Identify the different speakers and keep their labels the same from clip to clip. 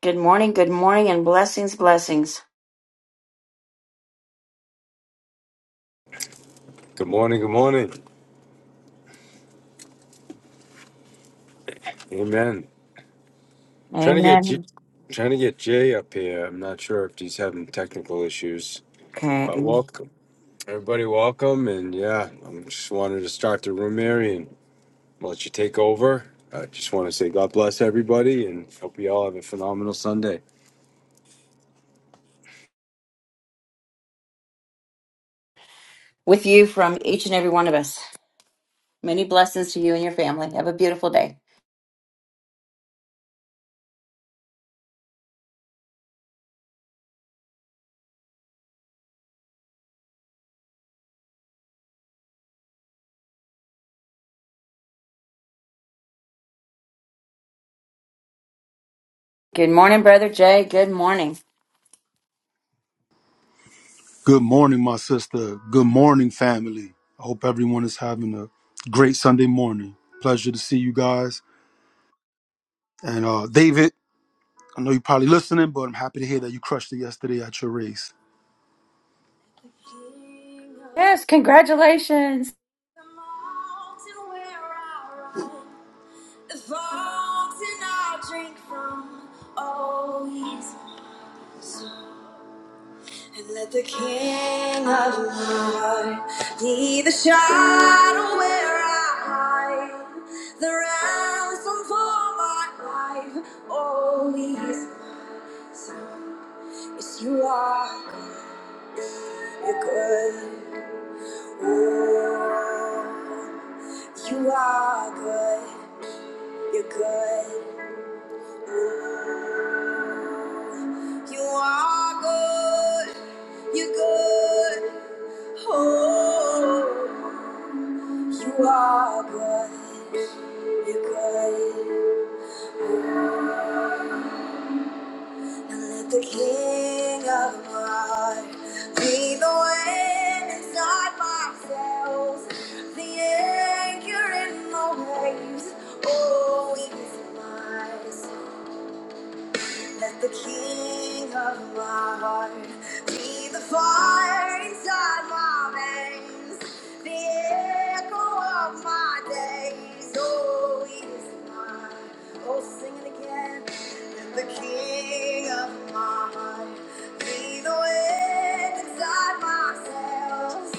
Speaker 1: Good morning, good morning, and blessings, blessings.
Speaker 2: Good morning. Good morning. Amen. Trying to get J-
Speaker 1: Amen.
Speaker 2: trying to get Jay up here. I'm not sure if he's having technical issues,
Speaker 1: Okay.
Speaker 2: but welcome everybody. Welcome, and yeah, I am just wanted to start the room here and let you take over. I just want to say God bless everybody, and hope you all have a phenomenal Sunday.
Speaker 1: With you from each and every one of us. Many blessings to you and your family. Have a beautiful day. Good morning, Brother Jay. Good morning.
Speaker 3: Good morning, my sister. Good morning, family. I hope everyone is having a great Sunday morning. Pleasure to see you guys. And uh, David, I know you're probably listening, but I'm happy to hear that you crushed it yesterday at your race.
Speaker 1: Yes, congratulations.
Speaker 3: And let the king of my heart be the shadow where I hide, the ransom for my life. Oh, he's my son. Yes, you are good. You're good. Oh, you are good. You're good. Oh, You are good. You're good. Oh, you are good. You're And let the King of Heart be the wind inside my sails, the anchor in the waves. Oh, we can surmise Let the king of my heart be the fire inside my veins, the echo of my days. Oh, he is mine. Oh, sing it again. Let the king of my heart be the wind inside myself. Oh, it's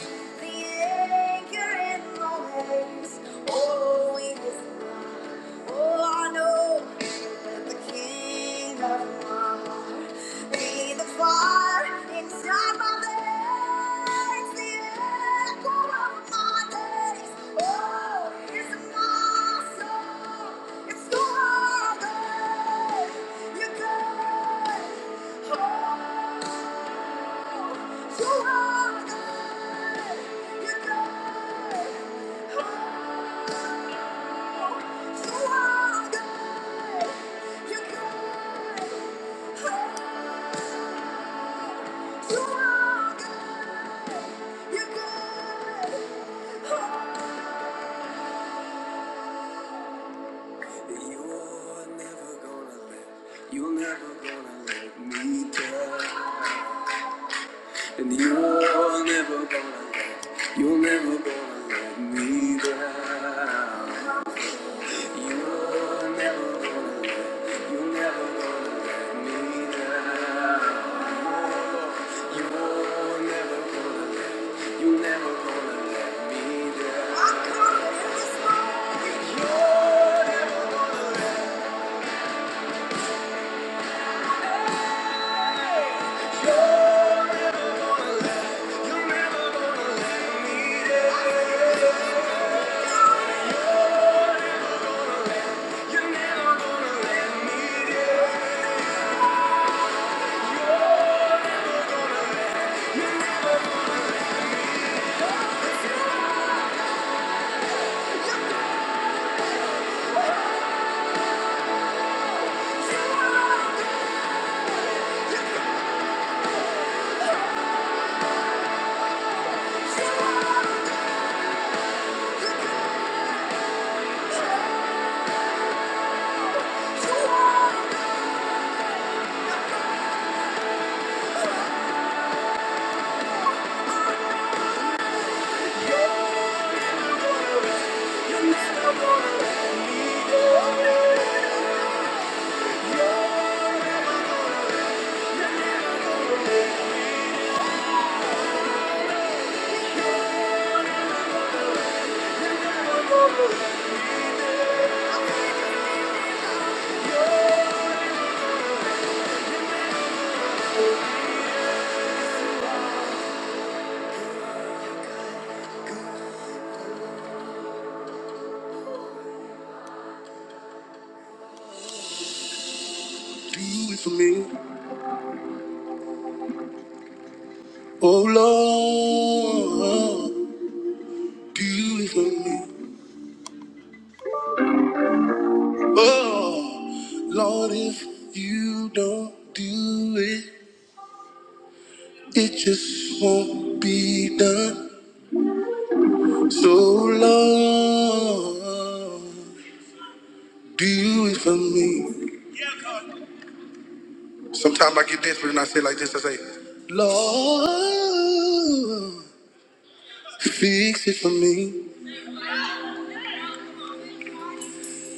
Speaker 3: my you are good. You're good. Oh. You're never gonna let, you're never gonna let me down. And you're never gonna let, you're never gonna let me down. You're never gonna, you're never gonna let me down. You're never gonna let, you're never gonna let me down. You're never gonna, you're never gonna let me down. You're never gonna let me down. Do it for me, oh Lord. Do it for me, oh Lord. If you don't do it, it just won't be done. So Lord, do it for me. Sometimes I get desperate and I say like this. I say, Lord, fix it for me.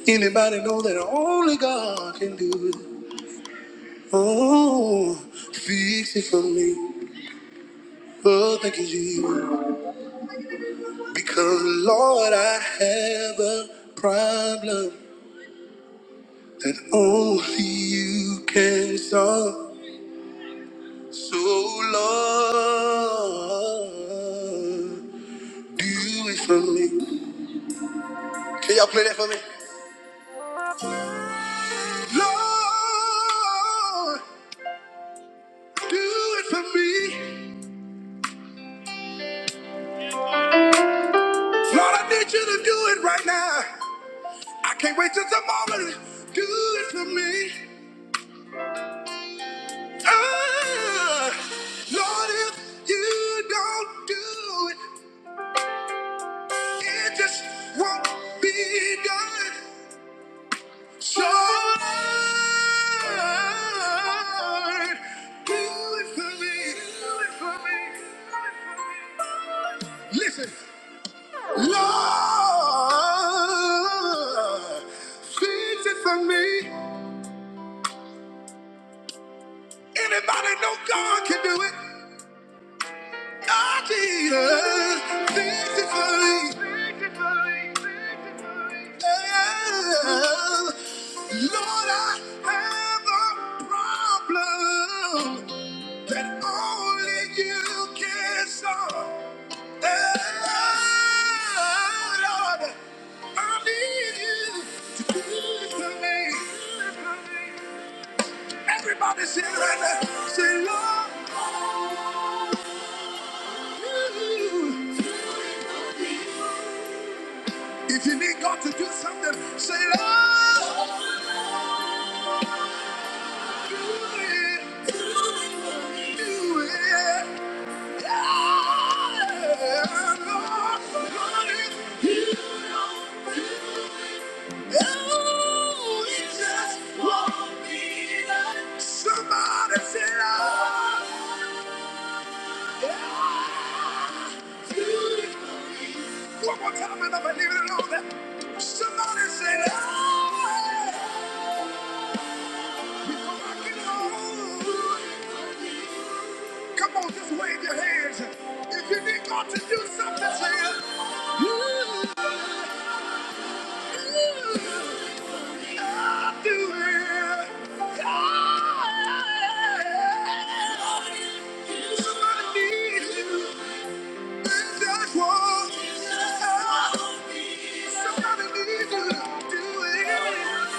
Speaker 3: Anybody know that only God can do it? Oh, fix it for me. Oh, thank you, Jesus. Because Lord, I have a problem that only you can solve. So Lord, do it for me. Can y'all play that for me? Lord, do it for me. Lord, I need you to do it right now. I can't wait till tomorrow. Do it for me. Ah, Lord, if you don't do it, it just won't be done. So, Lord, do it for me. Do it for me. Do it for me. Listen. Lord, fix it for me. Anybody know God can do it? God, Jesus, fix it for me. Yeah. Lord, I have a problem that only you can solve. Yeah, Lord, I need you to do it for me. Everybody sing right now. Say, Lord. you. If you need God to do something, say, Lord. Do it. Do it. Yeah, Lord. Lord, if you just want me to- Somebody say, Lord. Yeah. One more time, and I believe it alone. Somebody say, "Ah!" Before I get home. Come on, just wave your hands. If you need God to do something, say, it. God do it. God." Somebody needs you, and that's what- Somebody needs you do it.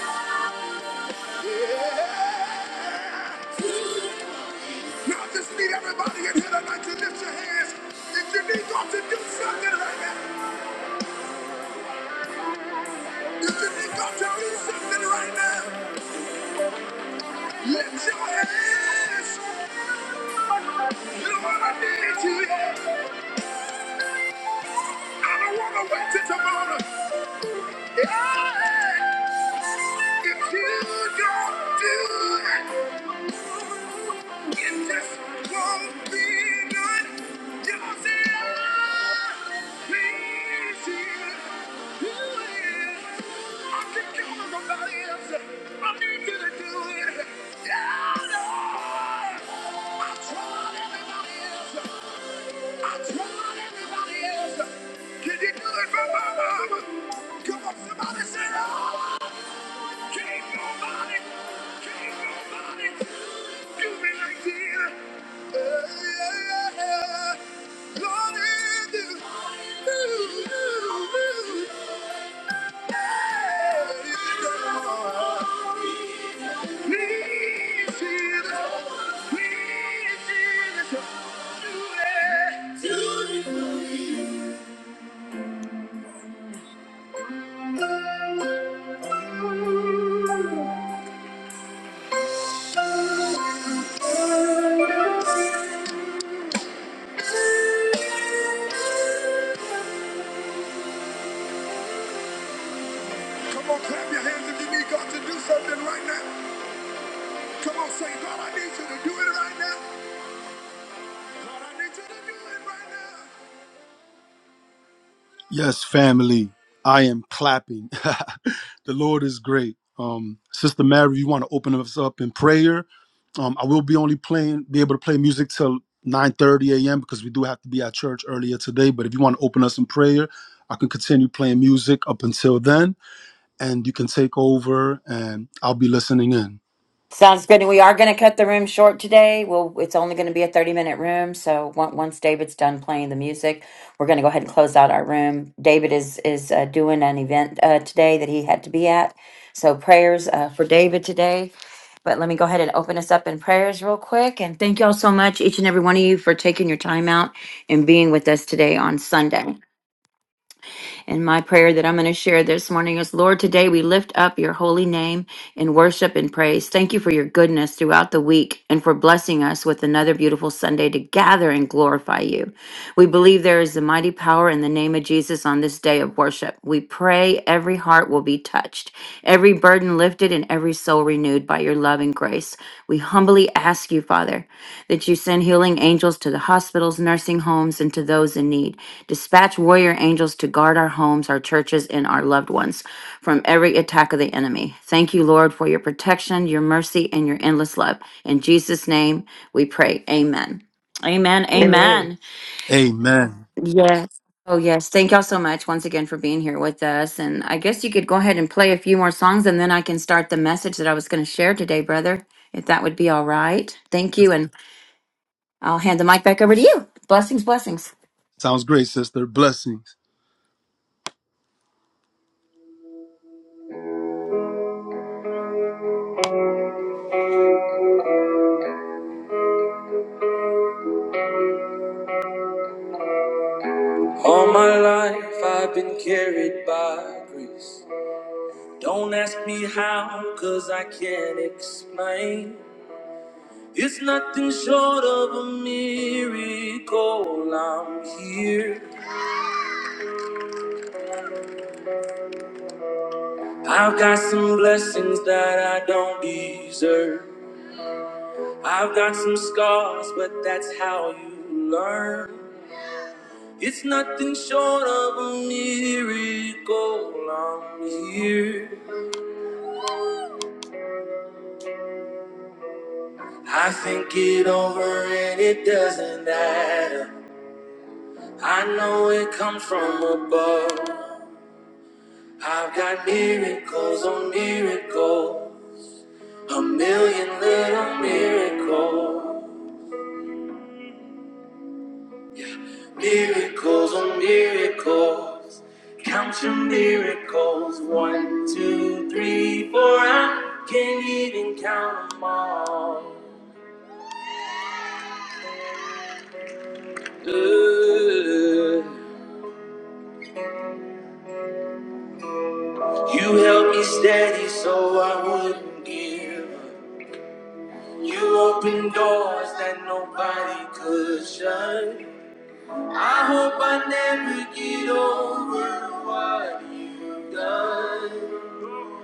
Speaker 3: Now I just need everybody in here tonight to lift your hands. If you need God to do something right now, if you need God to do something right now, lift your hands. Lord, I need you. I don't want to wait till tomorrow. Yeah. If you don't do it. It just won't be done. do say I please you. I can count on else. I need you to do it. Yeah, no. I tried everybody else. I tried everybody else. Can you do it for my mama? Come on, somebody say "Oh." can you. Yeah, yeah, yeah. you do. Do, do, do. Yeah, Come on, clap your hands if you need God to do something right now. Come on, say, God, I need you to do it right now. God, I need you to do it right now. Yes, family, I am clapping. the Lord is great. Um, Sister Mary, you want to open us up in prayer? Um, I will be only playing, be able to play music till 9:30 a.m. because we do have to be at church earlier today. But if you want to open us in prayer, I can continue playing music up until then, and you can take over, and I'll be listening in.
Speaker 1: Sounds good. And we are going to cut the room short today. Well, it's only going to be a 30 minute room. So on- once David's done playing the music, we're going to go ahead and close out our room. David is is uh, doing an event uh, today that he had to be at. So prayers uh, for David today. But let me go ahead and open us up in prayers real quick. And thank you all so much, each and every one of you, for taking your time out and being with us today on Sunday. And my prayer that I'm going to share this morning is Lord, today we lift up your holy name in worship and praise. Thank you for your goodness throughout the week and for blessing us with another beautiful Sunday to gather and glorify you. We believe there is a mighty power in the name of Jesus on this day of worship. We pray, every heart will be touched, every burden lifted, and every soul renewed by your love and grace. We humbly ask you, Father, that you send healing angels to the hospitals, nursing homes, and to those in need. Dispatch warrior angels to guard our homes, our churches, and our loved ones from every attack of the enemy. Thank you, Lord, for your protection, your mercy, and your endless love. In Jesus' name we pray. Amen. Amen. Amen.
Speaker 4: Amen.
Speaker 3: Amen.
Speaker 1: Yes. Oh, yes. Thank y'all so much once again for being here with us. And I guess you could go ahead and play a few more songs and then I can start the message that I was going to share today, brother, if that would be all right. Thank you. And I'll hand the mic back over to you. Blessings, blessings.
Speaker 3: Sounds great, sister. Blessings. All my life I've been carried by grace. Don't ask me how, cause I can't explain. It's nothing short of a miracle. I'm here. I've got some blessings that I don't deserve. I've got some scars, but that's how you learn. It's nothing short of a miracle. I'm here. I think it over and it doesn't add up. I know it comes from above. I've got miracles on miracle, a million little miracles, miracles on miracles. Count your miracles, one, two, three, four. I can't even count them all. Ooh. You held me steady so I wouldn't give up. You opened doors that nobody could shut. I hope I never get over what you've done.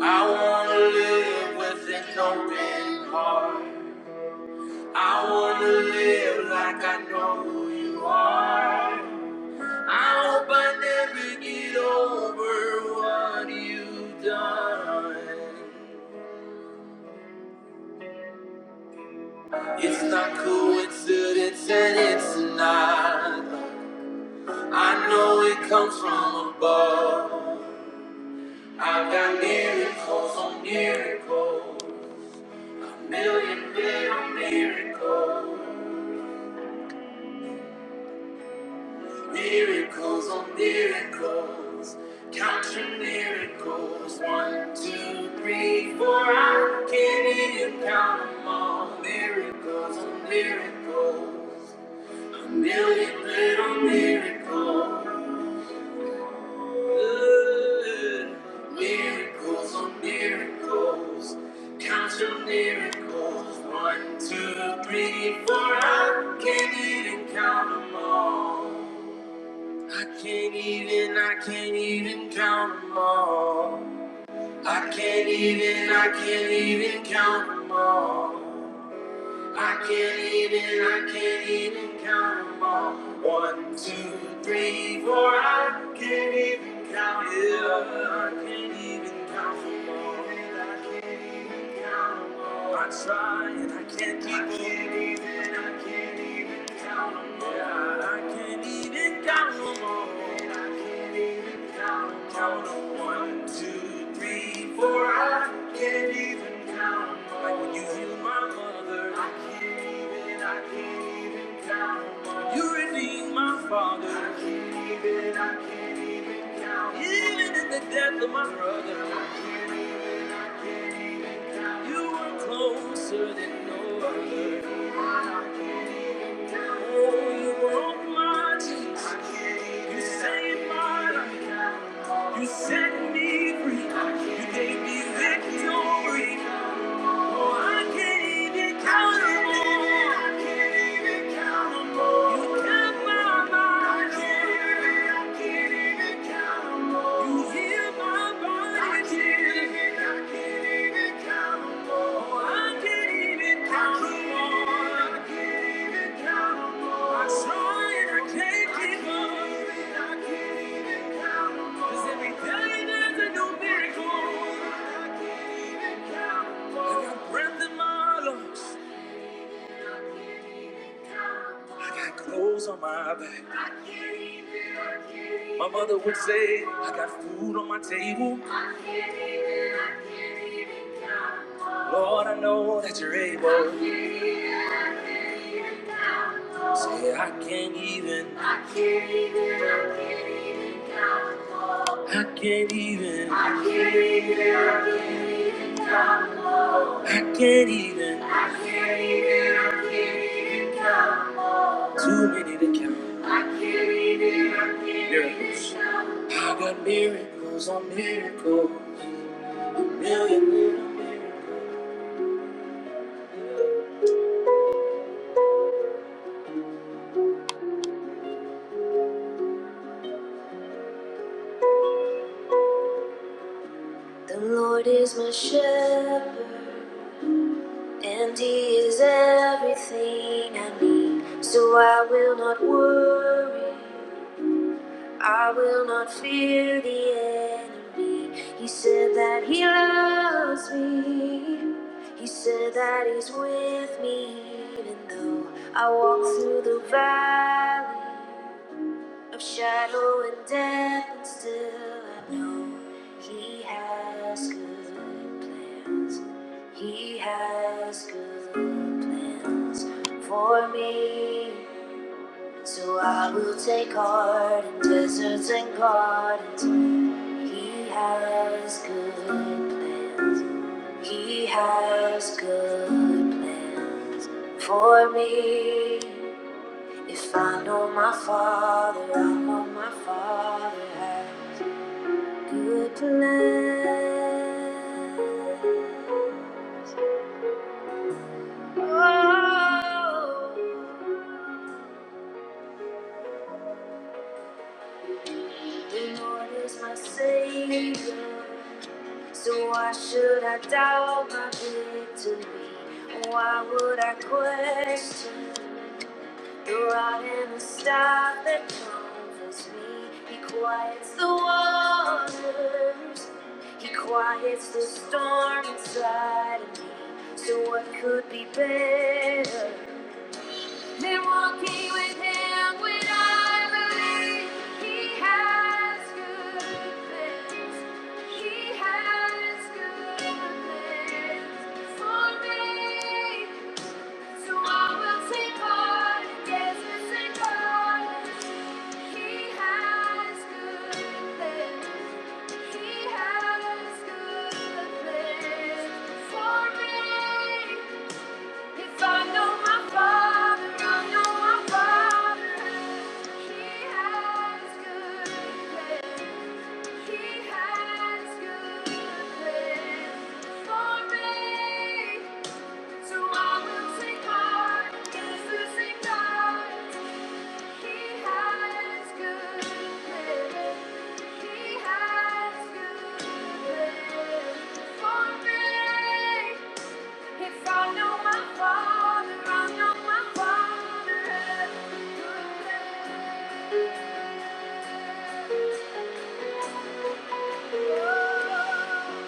Speaker 3: I wanna live with an open heart. I wanna live like I know who you are. I hope I never get over what you've done. It's not coincidence and it's not. I know it comes from above. I've got miracles on miracles, a million little miracles, miracles on miracles. Count your miracles, one, two, three, four. I can't even count them all. Miracles on miracles, a million little miracles. Miracles on miracles. Count your miracles. One, two, three, four. I can't even count them all. I can't even, I can't even count them all. I can't even, I can't even count them all. I can't even, I can't even count 'em all. One, two, three, four. I can't even count it up. I can't even count 'em all. And I can't even count 'em all. I try and I can't keep 'em. I can't even, I can't even count 'em all. Yeah, I can't even count 'em all. And I can't even count 'em all. Count 'em. One, two, three, four. I can't even. count. Like when you heal my mother. I You redeemed my father, even in the death of my brother. You were closer than no other. Oh, you broke my chains. You saved my life. You set me free. You gave me victory. Oh, I can't even count 'em all. I can't my mind. I can't even- I can't even count 'em all. You healed my body. I can't even- I can't even count 'em all. Oh, I can't even count 'em all. I can't I can't give up. I can't even- I can 'Cause every day there's a new miracle. I can't even I got breath in my lungs. I got clothes on my back. My mother would say, I got food on my table. Lord, I know that you're able. Say, I can't even. I can't even. I can't even. I can't even. I can't even. I can't even count. Too many to count. I can't even. I can't even miracles. count. I got miracles on miracles. Million little miracles. The Lord is my shepherd, and He is everything I need. So I will not worry, I will not fear the enemy. He said that He loves me, He said that He's with me, even though I walk through the valley of shadow and death, and still I know He has good plans. He has good plans for me. So I will take heart in deserts and gardens. He has good plans. He has good plans for me. If I know my father, I know my father has a good plan. Oh, the Lord is my savior, so why should I doubt my victory? Why would I question? The rod and the staff that comforts me. He quiets the waters. He quiets the storm inside of me. So what could be better than walking with him when I believe he has good plans? He has good plans for me. So I know my father, I know my father, he has good plans. He has good plans for me. So I will sing hard, yes, I sing He has good plans. He has good plans for me. If I know my Father, I know my Father has good plans. Oh, good plans.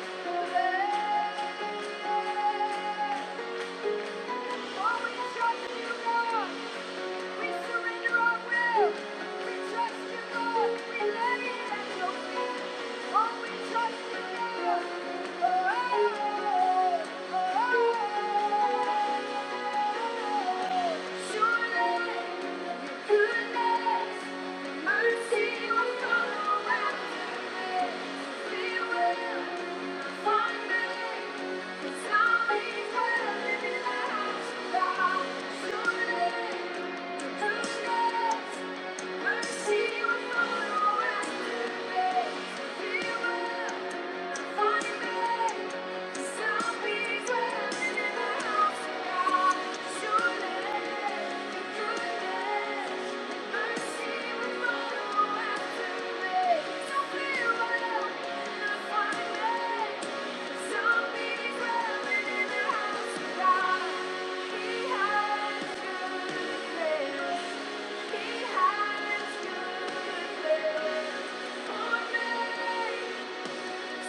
Speaker 3: Oh, we trust you, God. We surrender our will. We trust you, Lord. We lay it at your feet. Oh, we trust you, Lord. Oh, oh, oh, oh. Surely your goodness and mercy will follow after this. We will Thank you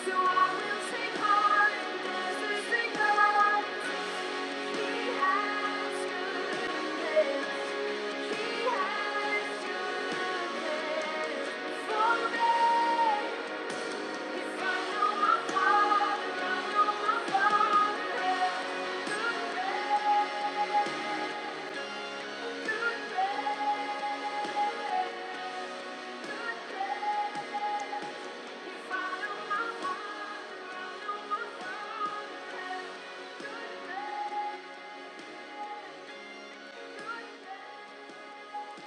Speaker 3: so I will sing hard and dance and sing hallelujah.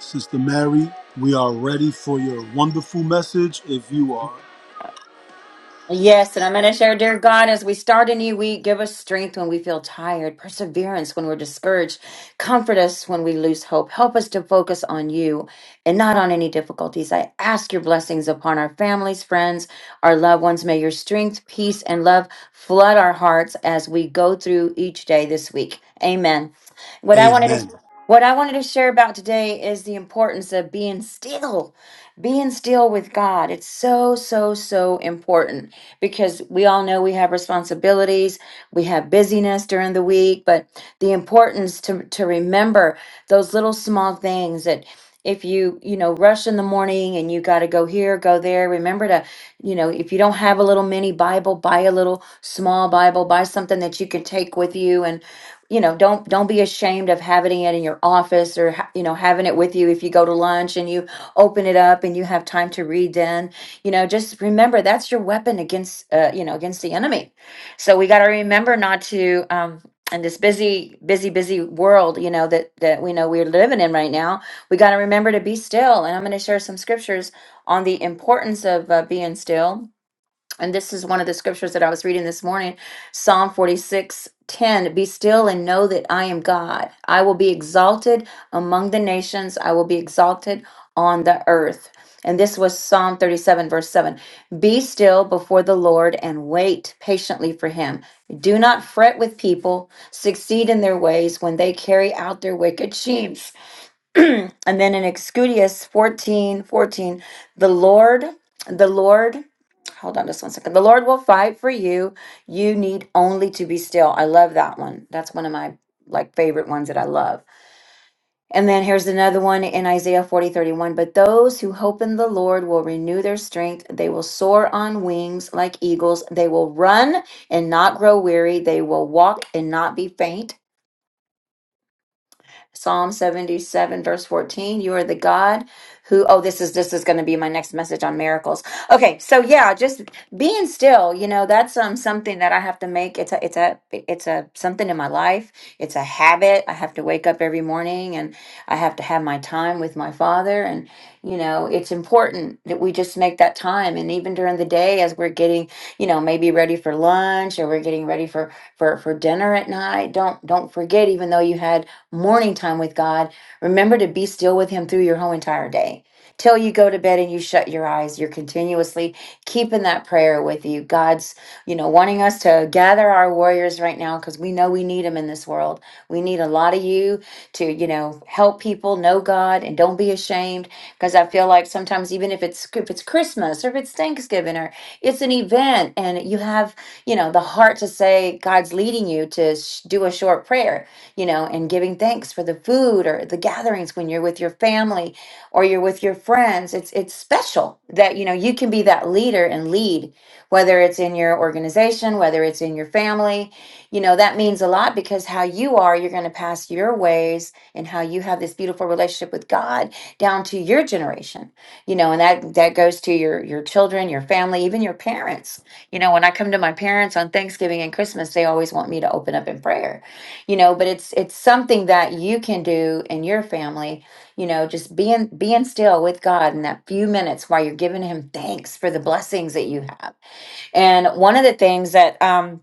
Speaker 3: Sister Mary, we are ready for your wonderful message if you are.
Speaker 1: Yes, and I'm going to share, dear God, as we start a new week, give us strength when we feel tired, perseverance when we're discouraged, comfort us when we lose hope. Help us to focus on you and not on any difficulties. I ask your blessings upon our families, friends, our loved ones. May your strength, peace, and love flood our hearts as we go through each day this week. Amen. What I wanted to
Speaker 3: Amen.
Speaker 1: what I wanted to share about today is the importance of being still being still with God, it's so, so, so important because we all know we have responsibilities, we have busyness during the week, but the importance to, to remember those little small things that if you, you know, rush in the morning and you got to go here, go there, remember to you know, if you don't have a little mini Bible, buy a little small Bible, buy something that you can take with you. and you know don't don't be ashamed of having it in your office or ha- you know having it with you if you go to lunch and you open it up and you have time to read then you know just remember that's your weapon against uh, you know against the enemy so we got to remember not to um in this busy busy busy world you know that that we know we're living in right now we got to remember to be still and i'm going to share some scriptures on the importance of uh, being still and this is one of the scriptures that I was reading this morning Psalm 46 10. Be still and know that I am God. I will be exalted among the nations, I will be exalted on the earth. And this was Psalm 37, verse 7. Be still before the Lord and wait patiently for him. Do not fret with people, succeed in their ways when they carry out their wicked schemes. And then in Excudius 14 14, the Lord, the Lord Hold on just one second. The Lord will fight for you. You need only to be still. I love that one. That's one of my like favorite ones that I love. And then here's another one in Isaiah 40 31. But those who hope in the Lord will renew their strength. They will soar on wings like eagles. They will run and not grow weary. They will walk and not be faint. Psalm 77 verse 14, you are the God who oh this is this is going to be my next message on miracles. Okay, so yeah, just being still, you know, that's um something that I have to make it's a it's a it's a something in my life. It's a habit. I have to wake up every morning and I have to have my time with my father and you know, it's important that we just make that time and even during the day as we're getting, you know, maybe ready for lunch or we're getting ready for for for dinner at night, don't don't forget even though you had morning time with God. Remember to be still with Him through your whole entire day. Till you go to bed and you shut your eyes, you're continuously keeping that prayer with you. God's, you know, wanting us to gather our warriors right now because we know we need them in this world. We need a lot of you to, you know, help people know God and don't be ashamed. Because I feel like sometimes even if it's if it's Christmas or if it's Thanksgiving or it's an event and you have you know the heart to say god's leading you to sh- do a short prayer you know, and giving thanks for the food or the gatherings when you're with your family or you're with your friends. It's it's special that you know you can be that leader and lead, whether it's in your organization, whether it's in your family. You know, that means a lot because how you are, you're going to pass your ways and how you have this beautiful relationship with God down to your generation. You know, and that that goes to your your children, your family, even your parents. You know, when I come to my parents on Thanksgiving and Christmas, they always want me to open up in prayer you know but it's it's something that you can do in your family you know just being being still with god in that few minutes while you're giving him thanks for the blessings that you have and one of the things that um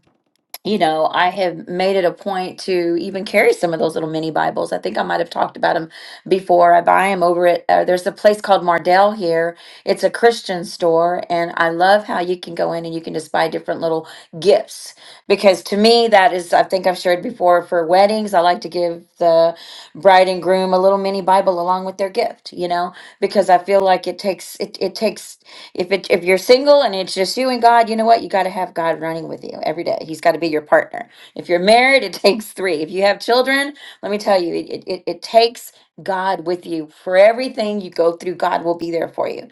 Speaker 1: you know, I have made it a point to even carry some of those little mini Bibles. I think I might have talked about them before. I buy them over at, uh, there's a place called Mardell here. It's a Christian store, and I love how you can go in and you can just buy different little gifts. Because to me, that is, I think I've shared before for weddings, I like to give the bride and groom a little mini Bible along with their gift, you know, because I feel like it takes, it, it takes if it if you're single and it's just you and God, you know what? You got to have God running with you every day. He's got to be your partner. If you're married, it takes three. If you have children, let me tell you, it it, it takes God with you for everything you go through. God will be there for you.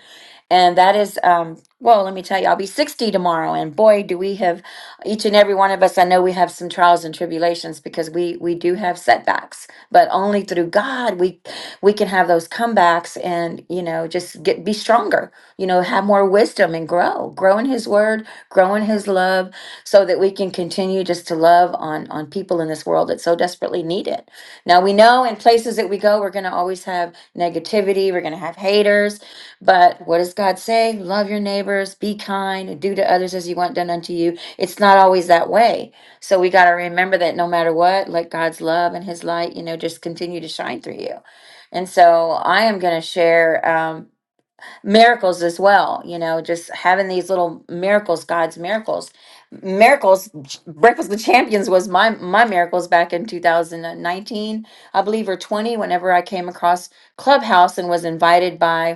Speaker 1: And that is, um, well, let me tell you, I'll be 60 tomorrow. And boy, do we have each and every one of us. I know we have some trials and tribulations because we, we do have setbacks but only through God we we can have those comebacks and you know just get be stronger you know have more wisdom and grow grow in his word grow in his love so that we can continue just to love on on people in this world that so desperately need it now we know in places that we go, we're going to always have negativity, we're going to have haters, but what does God say? Love your neighbors, be kind, and do to others as you want done unto you. It's not always that way. So we got to remember that no matter what, let God's love and his light, you know, just continue to shine through you. And so I am going to share. Um, miracles as well you know just having these little miracles god's miracles miracles Ch- breakfast with champions was my my miracles back in 2019 i believe or 20 whenever i came across clubhouse and was invited by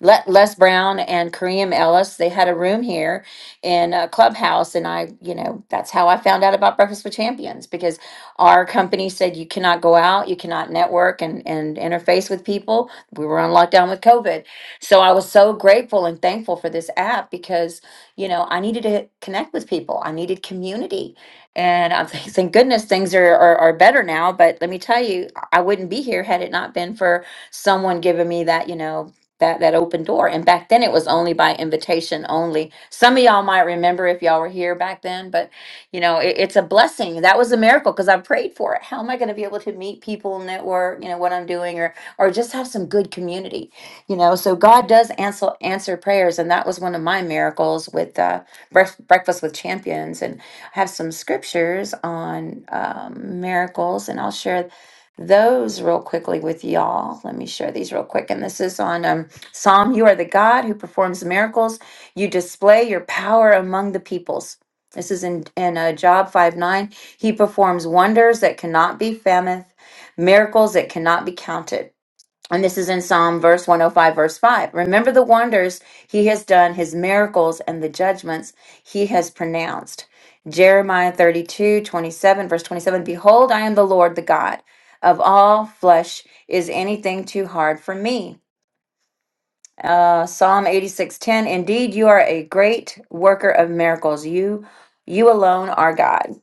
Speaker 1: Le- Les Brown and Kareem Ellis. They had a room here in a clubhouse, and I, you know, that's how I found out about Breakfast with Champions because our company said you cannot go out, you cannot network and and interface with people. We were on lockdown with COVID, so I was so grateful and thankful for this app because you know I needed to connect with people, I needed community, and I'm thank thank goodness things are, are are better now. But let me tell you, I wouldn't be here had it not been for someone giving me that, you know that that open door and back then it was only by invitation only some of y'all might remember if y'all were here back then but you know it, it's a blessing that was a miracle because i prayed for it how am i going to be able to meet people network you know what i'm doing or or just have some good community you know so god does answer answer prayers and that was one of my miracles with uh, Bref- breakfast with champions and I have some scriptures on um, miracles and i'll share those real quickly with y'all let me share these real quick and this is on um Psalm, you are the God who performs miracles. You display your power among the peoples. This is in, in uh, Job 5 9. He performs wonders that cannot be fathom, miracles that cannot be counted. And this is in Psalm verse 105, verse 5. Remember the wonders he has done, his miracles, and the judgments he has pronounced. Jeremiah 32 27, verse 27. Behold, I am the Lord, the God. Of all flesh is anything too hard for me. Uh, Psalm 86:10 Indeed, you are a great worker of miracles. You you alone are God.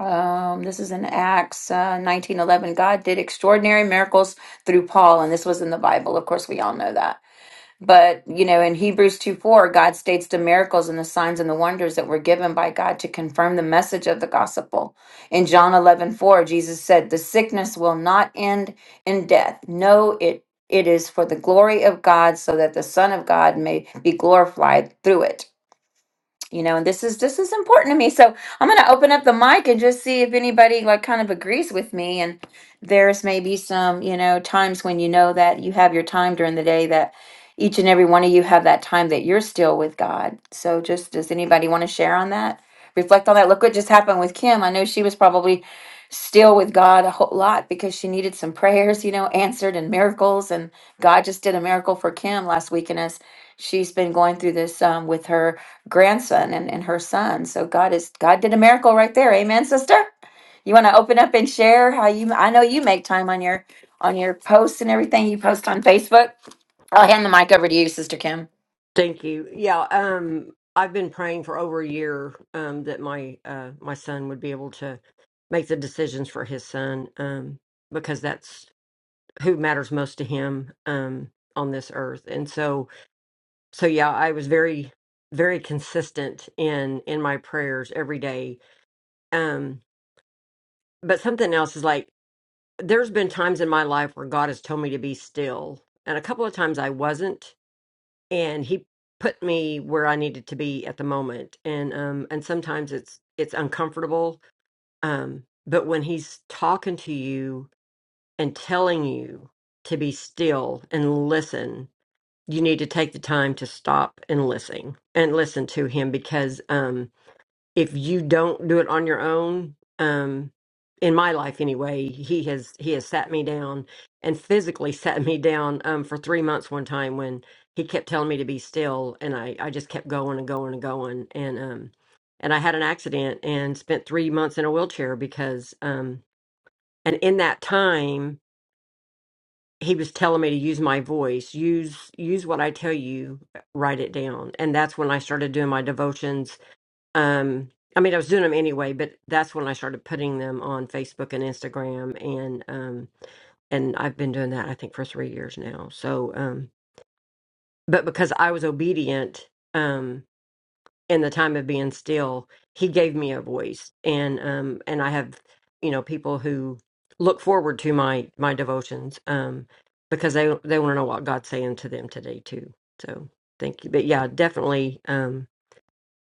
Speaker 1: Um, this is in Acts uh, 19:11. God did extraordinary miracles through Paul and this was in the Bible. Of course, we all know that. But, you know, in Hebrews 2 4, God states the miracles and the signs and the wonders that were given by God to confirm the message of the gospel. In John eleven four, Jesus said, The sickness will not end in death. No, it it is for the glory of God, so that the Son of God may be glorified through it you know and this is this is important to me so i'm going to open up the mic and just see if anybody like kind of agrees with me and there's maybe some you know times when you know that you have your time during the day that each and every one of you have that time that you're still with god so just does anybody want to share on that reflect on that look what just happened with kim i know she was probably still with god a whole lot because she needed some prayers you know answered and miracles and god just did a miracle for kim last week and as she's been going through this um, with her grandson and, and her son. So God is God did a miracle right there. Amen, sister. You want to open up and share how you I know you make time on your on your posts and everything you post on Facebook. I'll hand the mic over to you, Sister Kim.
Speaker 4: Thank you. Yeah, um I've been praying for over a year um that my uh my son would be able to make the decisions for his son um because that's who matters most to him um on this earth. And so so yeah, I was very very consistent in in my prayers every day. Um but something else is like there's been times in my life where God has told me to be still. And a couple of times I wasn't and he put me where I needed to be at the moment. And um and sometimes it's it's uncomfortable. Um but when he's talking to you and telling you to be still and listen, you need to take the time to stop and listen and listen to him because um if you don't do it on your own um in my life anyway he has he has sat me down and physically sat me down um for three months one time when he kept telling me to be still and i i just kept going and going and going and um and i had an accident and spent three months in a wheelchair because um and in that time he was telling me to use my voice use use what i tell you write it down and that's when i started doing my devotions um, I mean, I was doing them anyway, but that's when I started putting them on Facebook and Instagram, and um, and I've been doing that I think for three years now. So, um, but because I was obedient um, in the time of being still, He gave me a voice, and um, and I have you know people who look forward to my my devotions um, because they they want to know what God's saying to them today too. So thank you, but yeah, definitely. Um,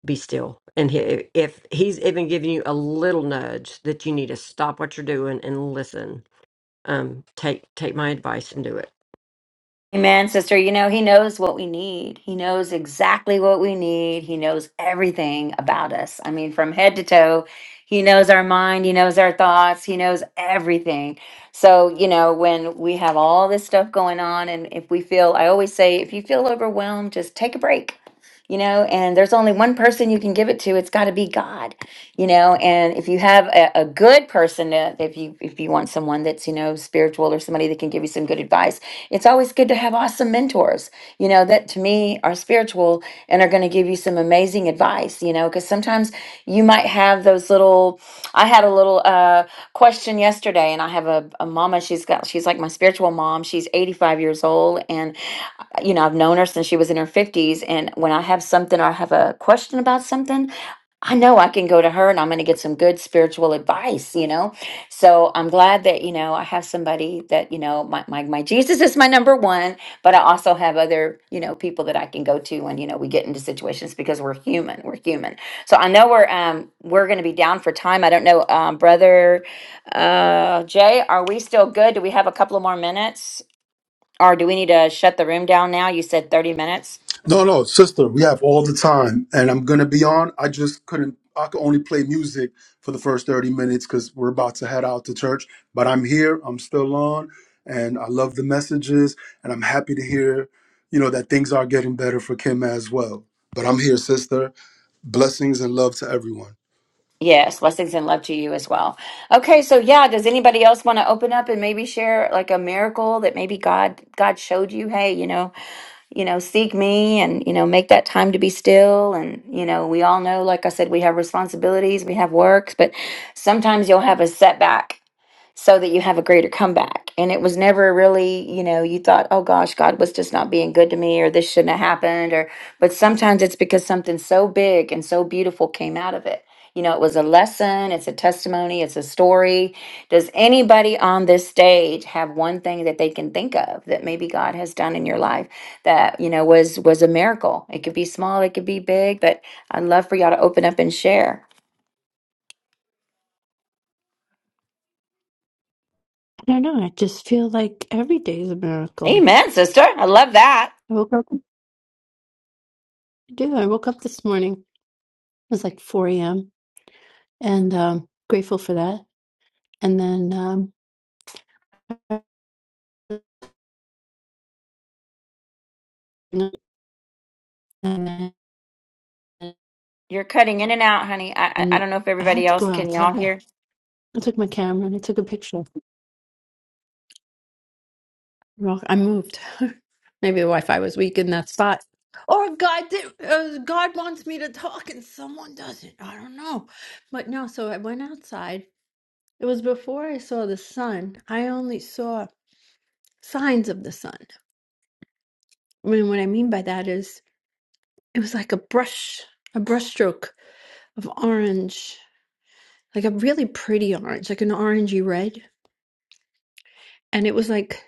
Speaker 4: be still. And he, if he's even giving you a little nudge that you need to stop what you're doing and listen, um, take take my advice and do it.
Speaker 1: Amen, sister. You know, he knows what we need. He knows exactly what we need. He knows everything about us. I mean, from head to toe, he knows our mind, he knows our thoughts, he knows everything. So, you know, when we have all this stuff going on, and if we feel, I always say, if you feel overwhelmed, just take a break, you know, and there's only one person you can give it to. It's got to be God you know and if you have a, a good person to, if you if you want someone that's you know spiritual or somebody that can give you some good advice it's always good to have awesome mentors you know that to me are spiritual and are going to give you some amazing advice you know because sometimes you might have those little i had a little uh question yesterday and i have a, a mama she's got she's like my spiritual mom she's 85 years old and you know i've known her since she was in her 50s and when i have something or i have a question about something I know I can go to her and I'm going to get some good spiritual advice, you know? So I'm glad that, you know, I have somebody that, you know, my, my, my Jesus is my number one, but I also have other, you know, people that I can go to when, you know, we get into situations because we're human, we're human. So I know we're, um, we're going to be down for time. I don't know, um, brother, uh, Jay, are we still good? Do we have a couple of more minutes or do we need to shut the room down now? You said 30 minutes.
Speaker 3: No, no, sister, we have all the time, and I'm gonna be on. I just couldn't. I could only play music for the first thirty minutes because we're about to head out to church. But I'm here. I'm still on, and I love the messages, and I'm happy to hear, you know, that things are getting better for Kim as well. But I'm here, sister. Blessings and love to everyone.
Speaker 1: Yes, blessings and love to you as well. Okay, so yeah, does anybody else want to open up and maybe share like a miracle that maybe God God showed you, hey, you know, you know, seek me and you know, make that time to be still and you know, we all know like I said we have responsibilities, we have works, but sometimes you'll have a setback so that you have a greater comeback. And it was never really, you know, you thought, oh gosh, God was just not being good to me or this shouldn't have happened or but sometimes it's because something so big and so beautiful came out of it. You know, it was a lesson, it's a testimony, it's a story. Does anybody on this stage have one thing that they can think of that maybe God has done in your life that, you know, was was a miracle? It could be small, it could be big, but I'd love for y'all to open up and share.
Speaker 5: I don't know. I just feel like every day is a miracle.
Speaker 1: Amen, sister. I love that.
Speaker 5: I woke up. I do. I woke up this morning. It was like 4 a.m. and um, grateful for that. And then, um, and
Speaker 1: You're cutting in and out, honey. I, I I
Speaker 5: then
Speaker 1: don't know if
Speaker 5: I
Speaker 1: everybody
Speaker 5: had to
Speaker 1: else
Speaker 5: go
Speaker 1: can y'all
Speaker 5: outside.
Speaker 1: hear.
Speaker 5: I took my camera and I took a picture. Well, I moved. Maybe the Wi-Fi was weak in that spot, or God did. Uh, God wants me to talk and someone doesn't. I don't know, but no. So I went outside. It was before I saw the sun. I only saw. signs of the sun. I mean, what I mean by that is it was like a brush, a brushstroke of orange, like a really pretty orange, like an orangey red, and it was like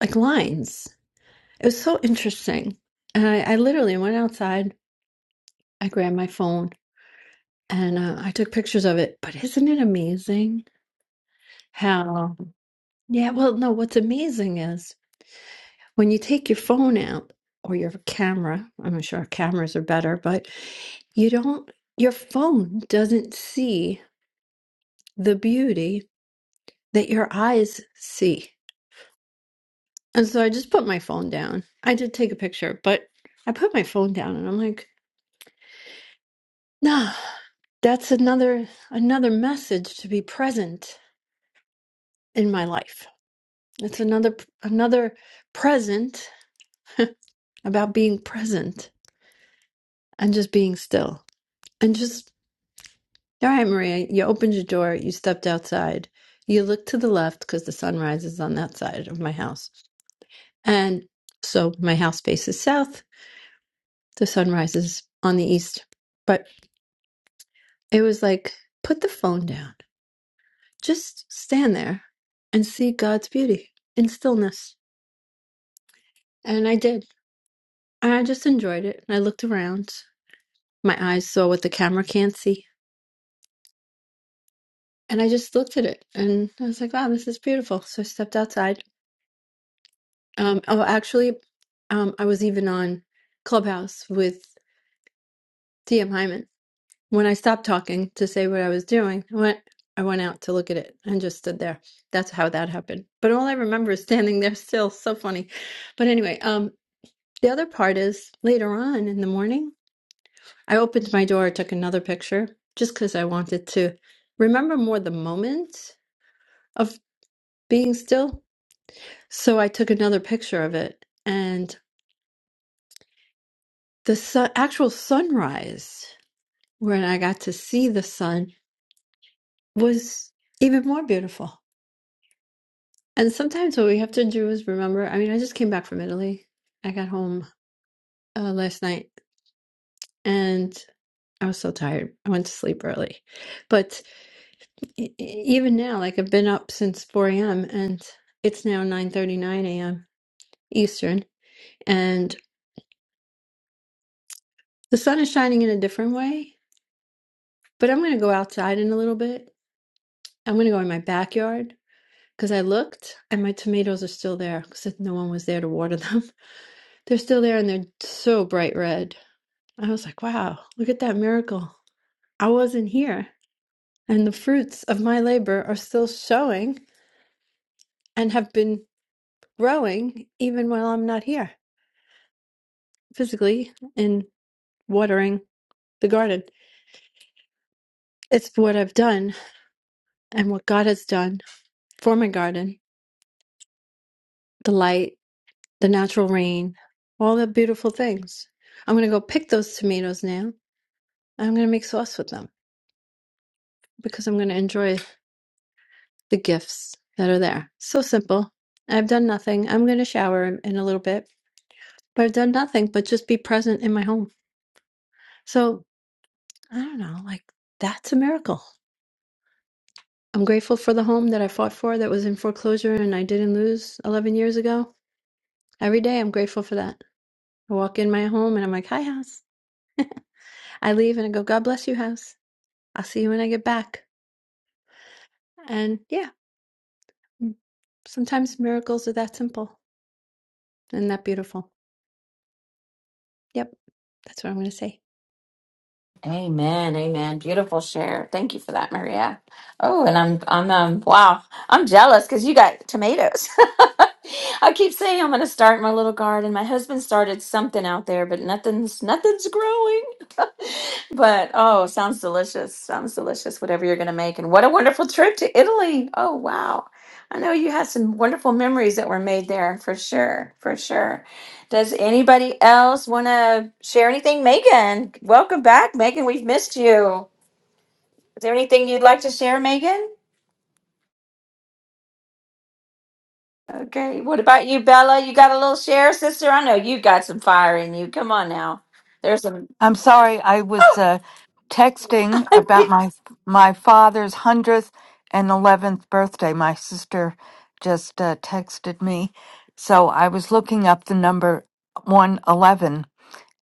Speaker 5: like lines. It was so interesting, and I, I literally went outside. I grabbed my phone and uh, I took pictures of it. But isn't it amazing how? Yeah. Well, no. What's amazing is When you take your phone out or your camera, I'm not sure cameras are better, but you don't, your phone doesn't see the beauty that your eyes see. And so I just put my phone down. I did take a picture, but I put my phone down and I'm like, nah, that's another another message to be present in my life. It's another another present about being present and just being still and just All right, Maria, you opened your door, you stepped outside, you looked to the left because the sun rises on that side of my house. And so my house faces south, the sun rises on the east. But it was like, put the phone down, just stand there and see God's beauty in stillness. And I did. And I just enjoyed it. And I looked around. My eyes saw what the camera can't see. And I just looked at it and I was like, wow, this is beautiful. So I stepped outside Um, oh, actually, um, I was even on Clubhouse with DM Hyman. When I stopped talking to say what I was doing, I went, I went out to look at it and just stood there. That's how that happened. But all I remember is standing there still. So funny. But anyway, um, the other part is later on in the morning, I opened my door, took another picture just because I wanted to remember more the moment of being still. So I took another picture of it. And the sun, actual sunrise. when I got to see the sun was even more beautiful. And sometimes what we have to do is remember. I mean, I just came back from Italy. I got home uh, last night and I was so tired. I went to sleep early. But e- e- even now, like I've been up since 4 a.m. and it's now 9:39 a.m. Eastern and the sun is shining in a different way. But I'm going to go outside in a little bit. I'm going to go in my backyard Because I looked and my tomatoes are still there because no one was there to water them. They're still there and they're so bright red. I was like, wow, look at that miracle. I wasn't here. And the fruits of my labor are still showing and have been growing even while I'm not here physically in watering the garden. It's what I've done and what God has done for my garden the light, the natural rain, all the beautiful things. I'm going to go pick those tomatoes now I'm going to make sauce with them because I'm going to enjoy the gifts that are there. So simple. I've done nothing. I'm going to shower in, in a little bit, but I've done nothing but just be present in my home. So I don't know, like that's a miracle. I'm grateful for the home that I fought for that was in foreclosure and I didn't lose 11 years ago. Every day I'm grateful for that. I walk in my home and I'm like, hi, house. I leave and I go, God bless you, house. I'll see you when I get back. And yeah, mm, sometimes miracles are that simple and that beautiful. Yep. That's what I'm going to say.
Speaker 1: Amen, amen. Beautiful share. Thank you for that, Maria. Oh, and I'm I'm um wow, I'm jealous because you got tomatoes. I keep saying I'm gonna start my little garden. My husband started something out there, but nothing's nothing's growing. but oh, sounds delicious. Sounds delicious. Whatever you're gonna make, and what a wonderful trip to Italy. Oh wow. I know you had some wonderful memories that were made there for sure, for sure. Does anybody else want to share anything? Megan, welcome back. Megan, we've missed you. Is there anything you'd like to share, Megan? Okay. What about you, Bella? You got a little share, sister? I know you got some fire in you. Come on now. There's some.
Speaker 6: I'm sorry, I was uh, texting about my my father's hundredth and eleventh birthday. My sister just uh, texted me, so I was looking up the number one eleven,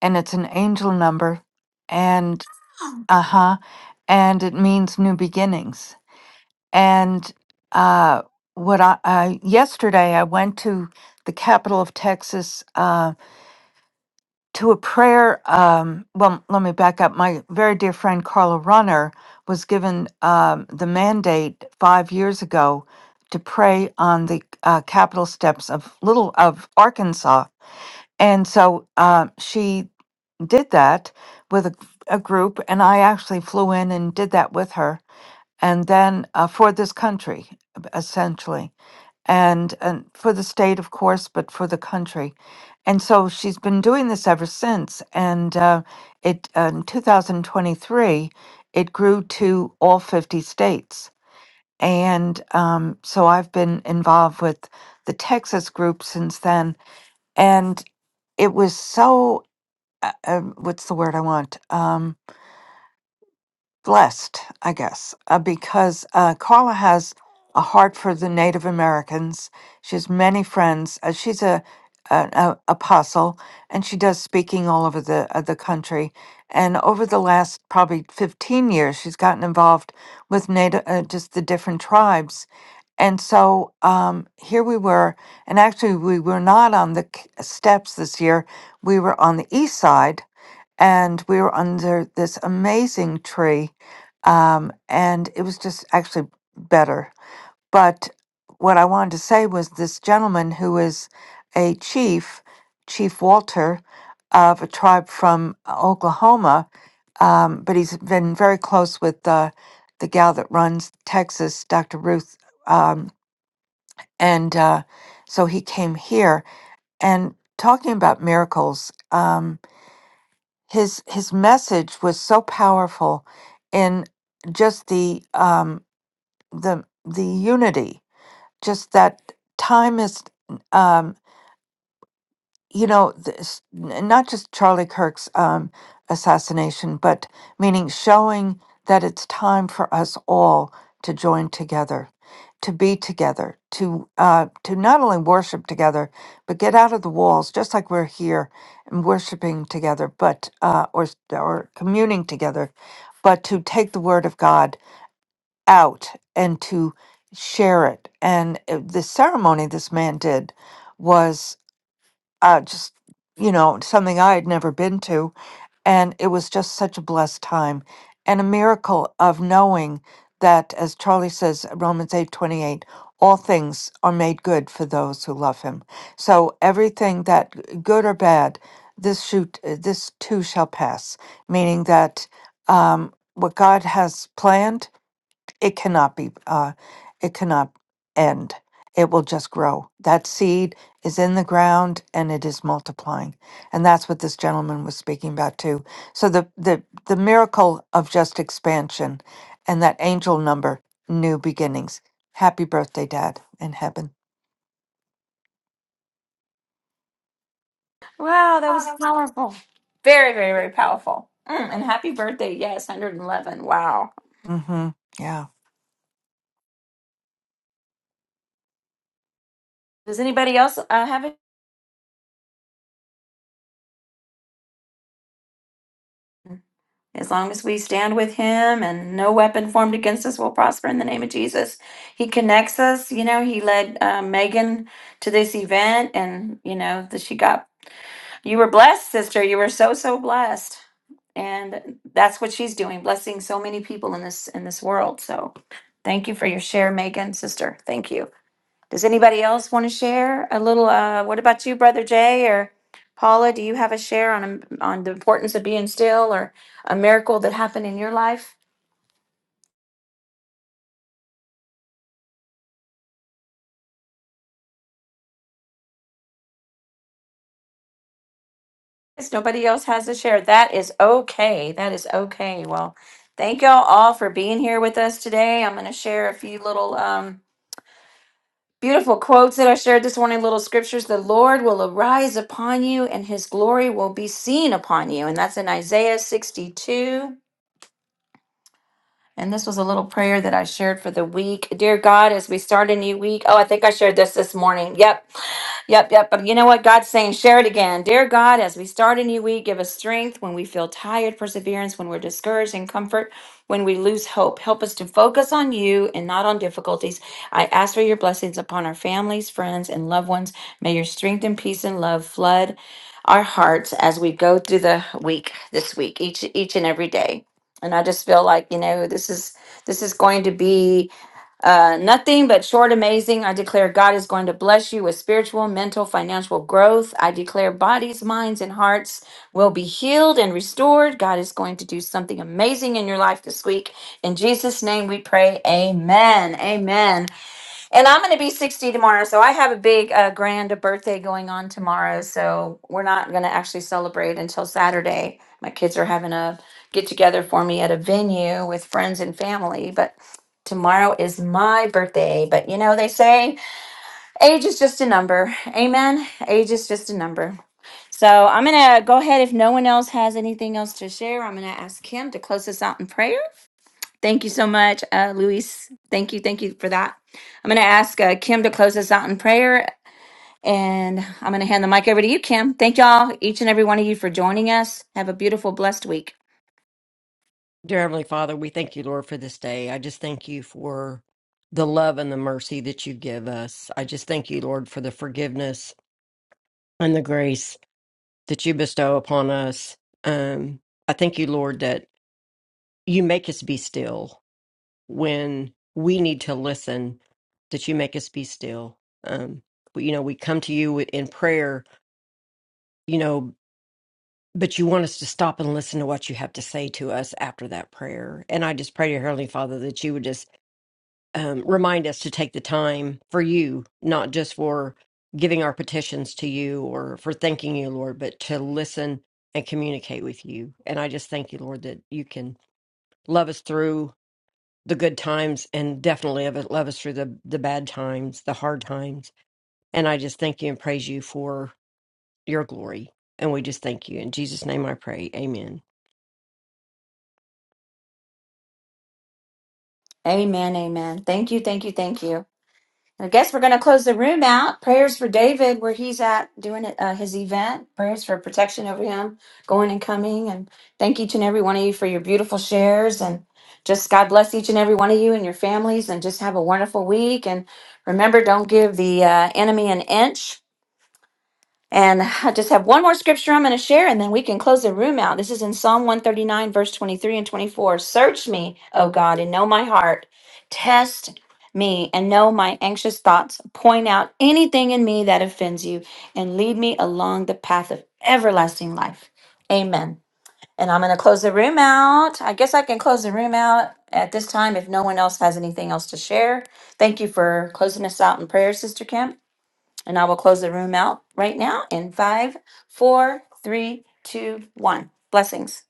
Speaker 6: and it's an angel number, and uh huh, and it means new beginnings. And uh, what I, I yesterday I went to the capital of Texas. Uh, to a prayer. Um, well, let me back up. My very dear friend Carla Runner was given um, the mandate five years ago to pray on the uh, Capitol steps of Little of Arkansas, and so uh, she did that with a, a group, and I actually flew in and did that with her, and then uh, for this country essentially and and for the state of course but for the country and so she's been doing this ever since and uh, it uh, in 2023 it grew to all 50 states and um, so i've been involved with the texas group since then and it was so uh, um, what's the word i want Um, blessed, I guess, uh, because uh, Carla has a heart for the Native Americans. She has many friends. Uh, she's a an a, apostle, and she does speaking all over the uh, the country. And over the last probably fifteen years, she's gotten involved with Native, uh, just the different tribes. And so um, here we were, and actually we were not on the k- steps this year. We were on the east side, and we were under this amazing tree um, and it was just actually better. But what I wanted to say was this gentleman who is a chief, Chief Walter, of a tribe from Oklahoma, um, but he's been very close with uh, the gal that runs Texas, Dr. Ruth, um, and uh, so he came here and talking about miracles. Um, his his message was so powerful in just the um, the the unity just that time is um you know this, n- not just charlie kirk's um assassination but meaning showing that it's time for us all to join together to be together to uh to not only worship together but get out of the walls just like we're here and worshiping together but uh or or communing together but to take the word of god out and to share it. And uh, the ceremony this man did was uh, just, you know, something I had never been to. And it was just such a blessed time and a miracle of knowing that, as Charlie says, Romans eight twenty eight, all things are made good for those who love him. So everything that g- good or bad, this shoot, uh, this too shall pass, meaning that um, what God has planned it cannot be uh, it cannot end it will just grow that seed is in the ground and it is multiplying and that's what this gentleman was speaking about too so the the, the miracle of just expansion and that angel number new beginnings happy birthday dad in heaven
Speaker 1: wow, that was powerful. Very, very, very powerful. Mm, and happy birthday. Yes, 111. Wow.
Speaker 6: Mm hmm yeah
Speaker 1: Does anybody else uh, have it? As long as we stand with him and no weapon formed against us will prosper in the name of Jesus. He connects us. You know, he led uh, Megan to this event and, you know, that she got, you were blessed, sister. You were so, so blessed. And that's what she's doing, blessing so many people in this, in this world. So thank you for your share, Megan, sister. Thank you. Does anybody else want to share a little? Uh, what about you, Brother Jay or Paula? Do you have a share on on the importance of being still or a miracle that happened in your life? Yes, nobody else has a share. That is okay. That is okay. Well, thank y'all all for being here with us today. I'm going to share a few little um, beautiful quotes that I shared this morning, little scriptures. The Lord will arise upon you, and His glory will be seen upon you, and that's in Isaiah 62 And this was a little prayer that I shared for the week. Dear God, as we start a new week, oh, I think I shared this this morning. Yep, yep, yep. But you know what? God's saying, share it again. Dear God, as we start a new week, give us strength when we feel tired, perseverance when we're discouraged, and comfort when we lose hope. Help us to focus on you and not on difficulties. I ask for your blessings upon our families, friends, and loved ones. May your strength and peace and love flood our hearts as we go through the week this week, each each and every day and i just feel like you know this is this is going to be uh, nothing but short amazing i declare god is going to bless you with spiritual mental financial growth i declare bodies minds and hearts will be healed and restored god is going to do something amazing in your life this week in jesus name we pray amen amen and I'm going to be 60 tomorrow, so I have a big uh, grand birthday going on tomorrow. So we're not going to actually celebrate until Saturday. My kids are having a get together for me at a venue with friends and family, but tomorrow is my birthday. But you know, they say age is just a number. Amen. Age is just a number. So I'm going to go ahead if no one else has anything else to share. I'm going to ask Kim to close us out in prayer. Thank you so much, uh, Luis. Thank you. Thank you for that. I'm going to ask uh, Kim to close us out in prayer, and I'm going to hand the mic over to you, Kim. Thank y'all, each and every one of you, for joining us. Have a beautiful, blessed week.
Speaker 4: Dear Heavenly Father, we thank you, Lord, for this day. I just thank you for the love and the mercy that you give us. I just thank you, Lord, for the forgiveness and the grace that you bestow upon us. Um, I thank you, Lord, that you make us be still. when we need to listen that you make us be still um but, you know we come to you in prayer you know but you want us to stop and listen to what you have to say to us after that prayer and i just pray to heavenly father that you would just um, remind us to take the time for you not just for giving our petitions to you or for thanking you lord but to listen and communicate with you and i just thank you lord that you can love us through the good times and definitely of it love us through the the bad times, the hard times. And I just thank you and praise you for your glory. And we just thank you. In Jesus' name I pray. Amen.
Speaker 1: Amen. Amen. Thank you. Thank you. Thank you. I guess we're going to close the room out. Prayers for David, where he's at doing uh, his event. Prayers for protection over him, going and coming. And thank each and every one of you for your beautiful shares. And just God bless each and every one of you and your families. And just have a wonderful week. And remember, don't give the uh, enemy an inch. And I just have one more scripture I'm going to share, and then we can close the room out. This is in Psalm 139, verse 23 and 24. Search me, O God, and know my heart. Test me and know my anxious thoughts. Point out anything in me that offends you, and lead me along the path of everlasting life. Amen. And I'm going to close the room out. I guess I can close the room out at this time if no one else has anything else to share. Thank you for closing us out in prayer, Sister Kemp. And I will close the room out right now in five, four, three, two, one. Blessings.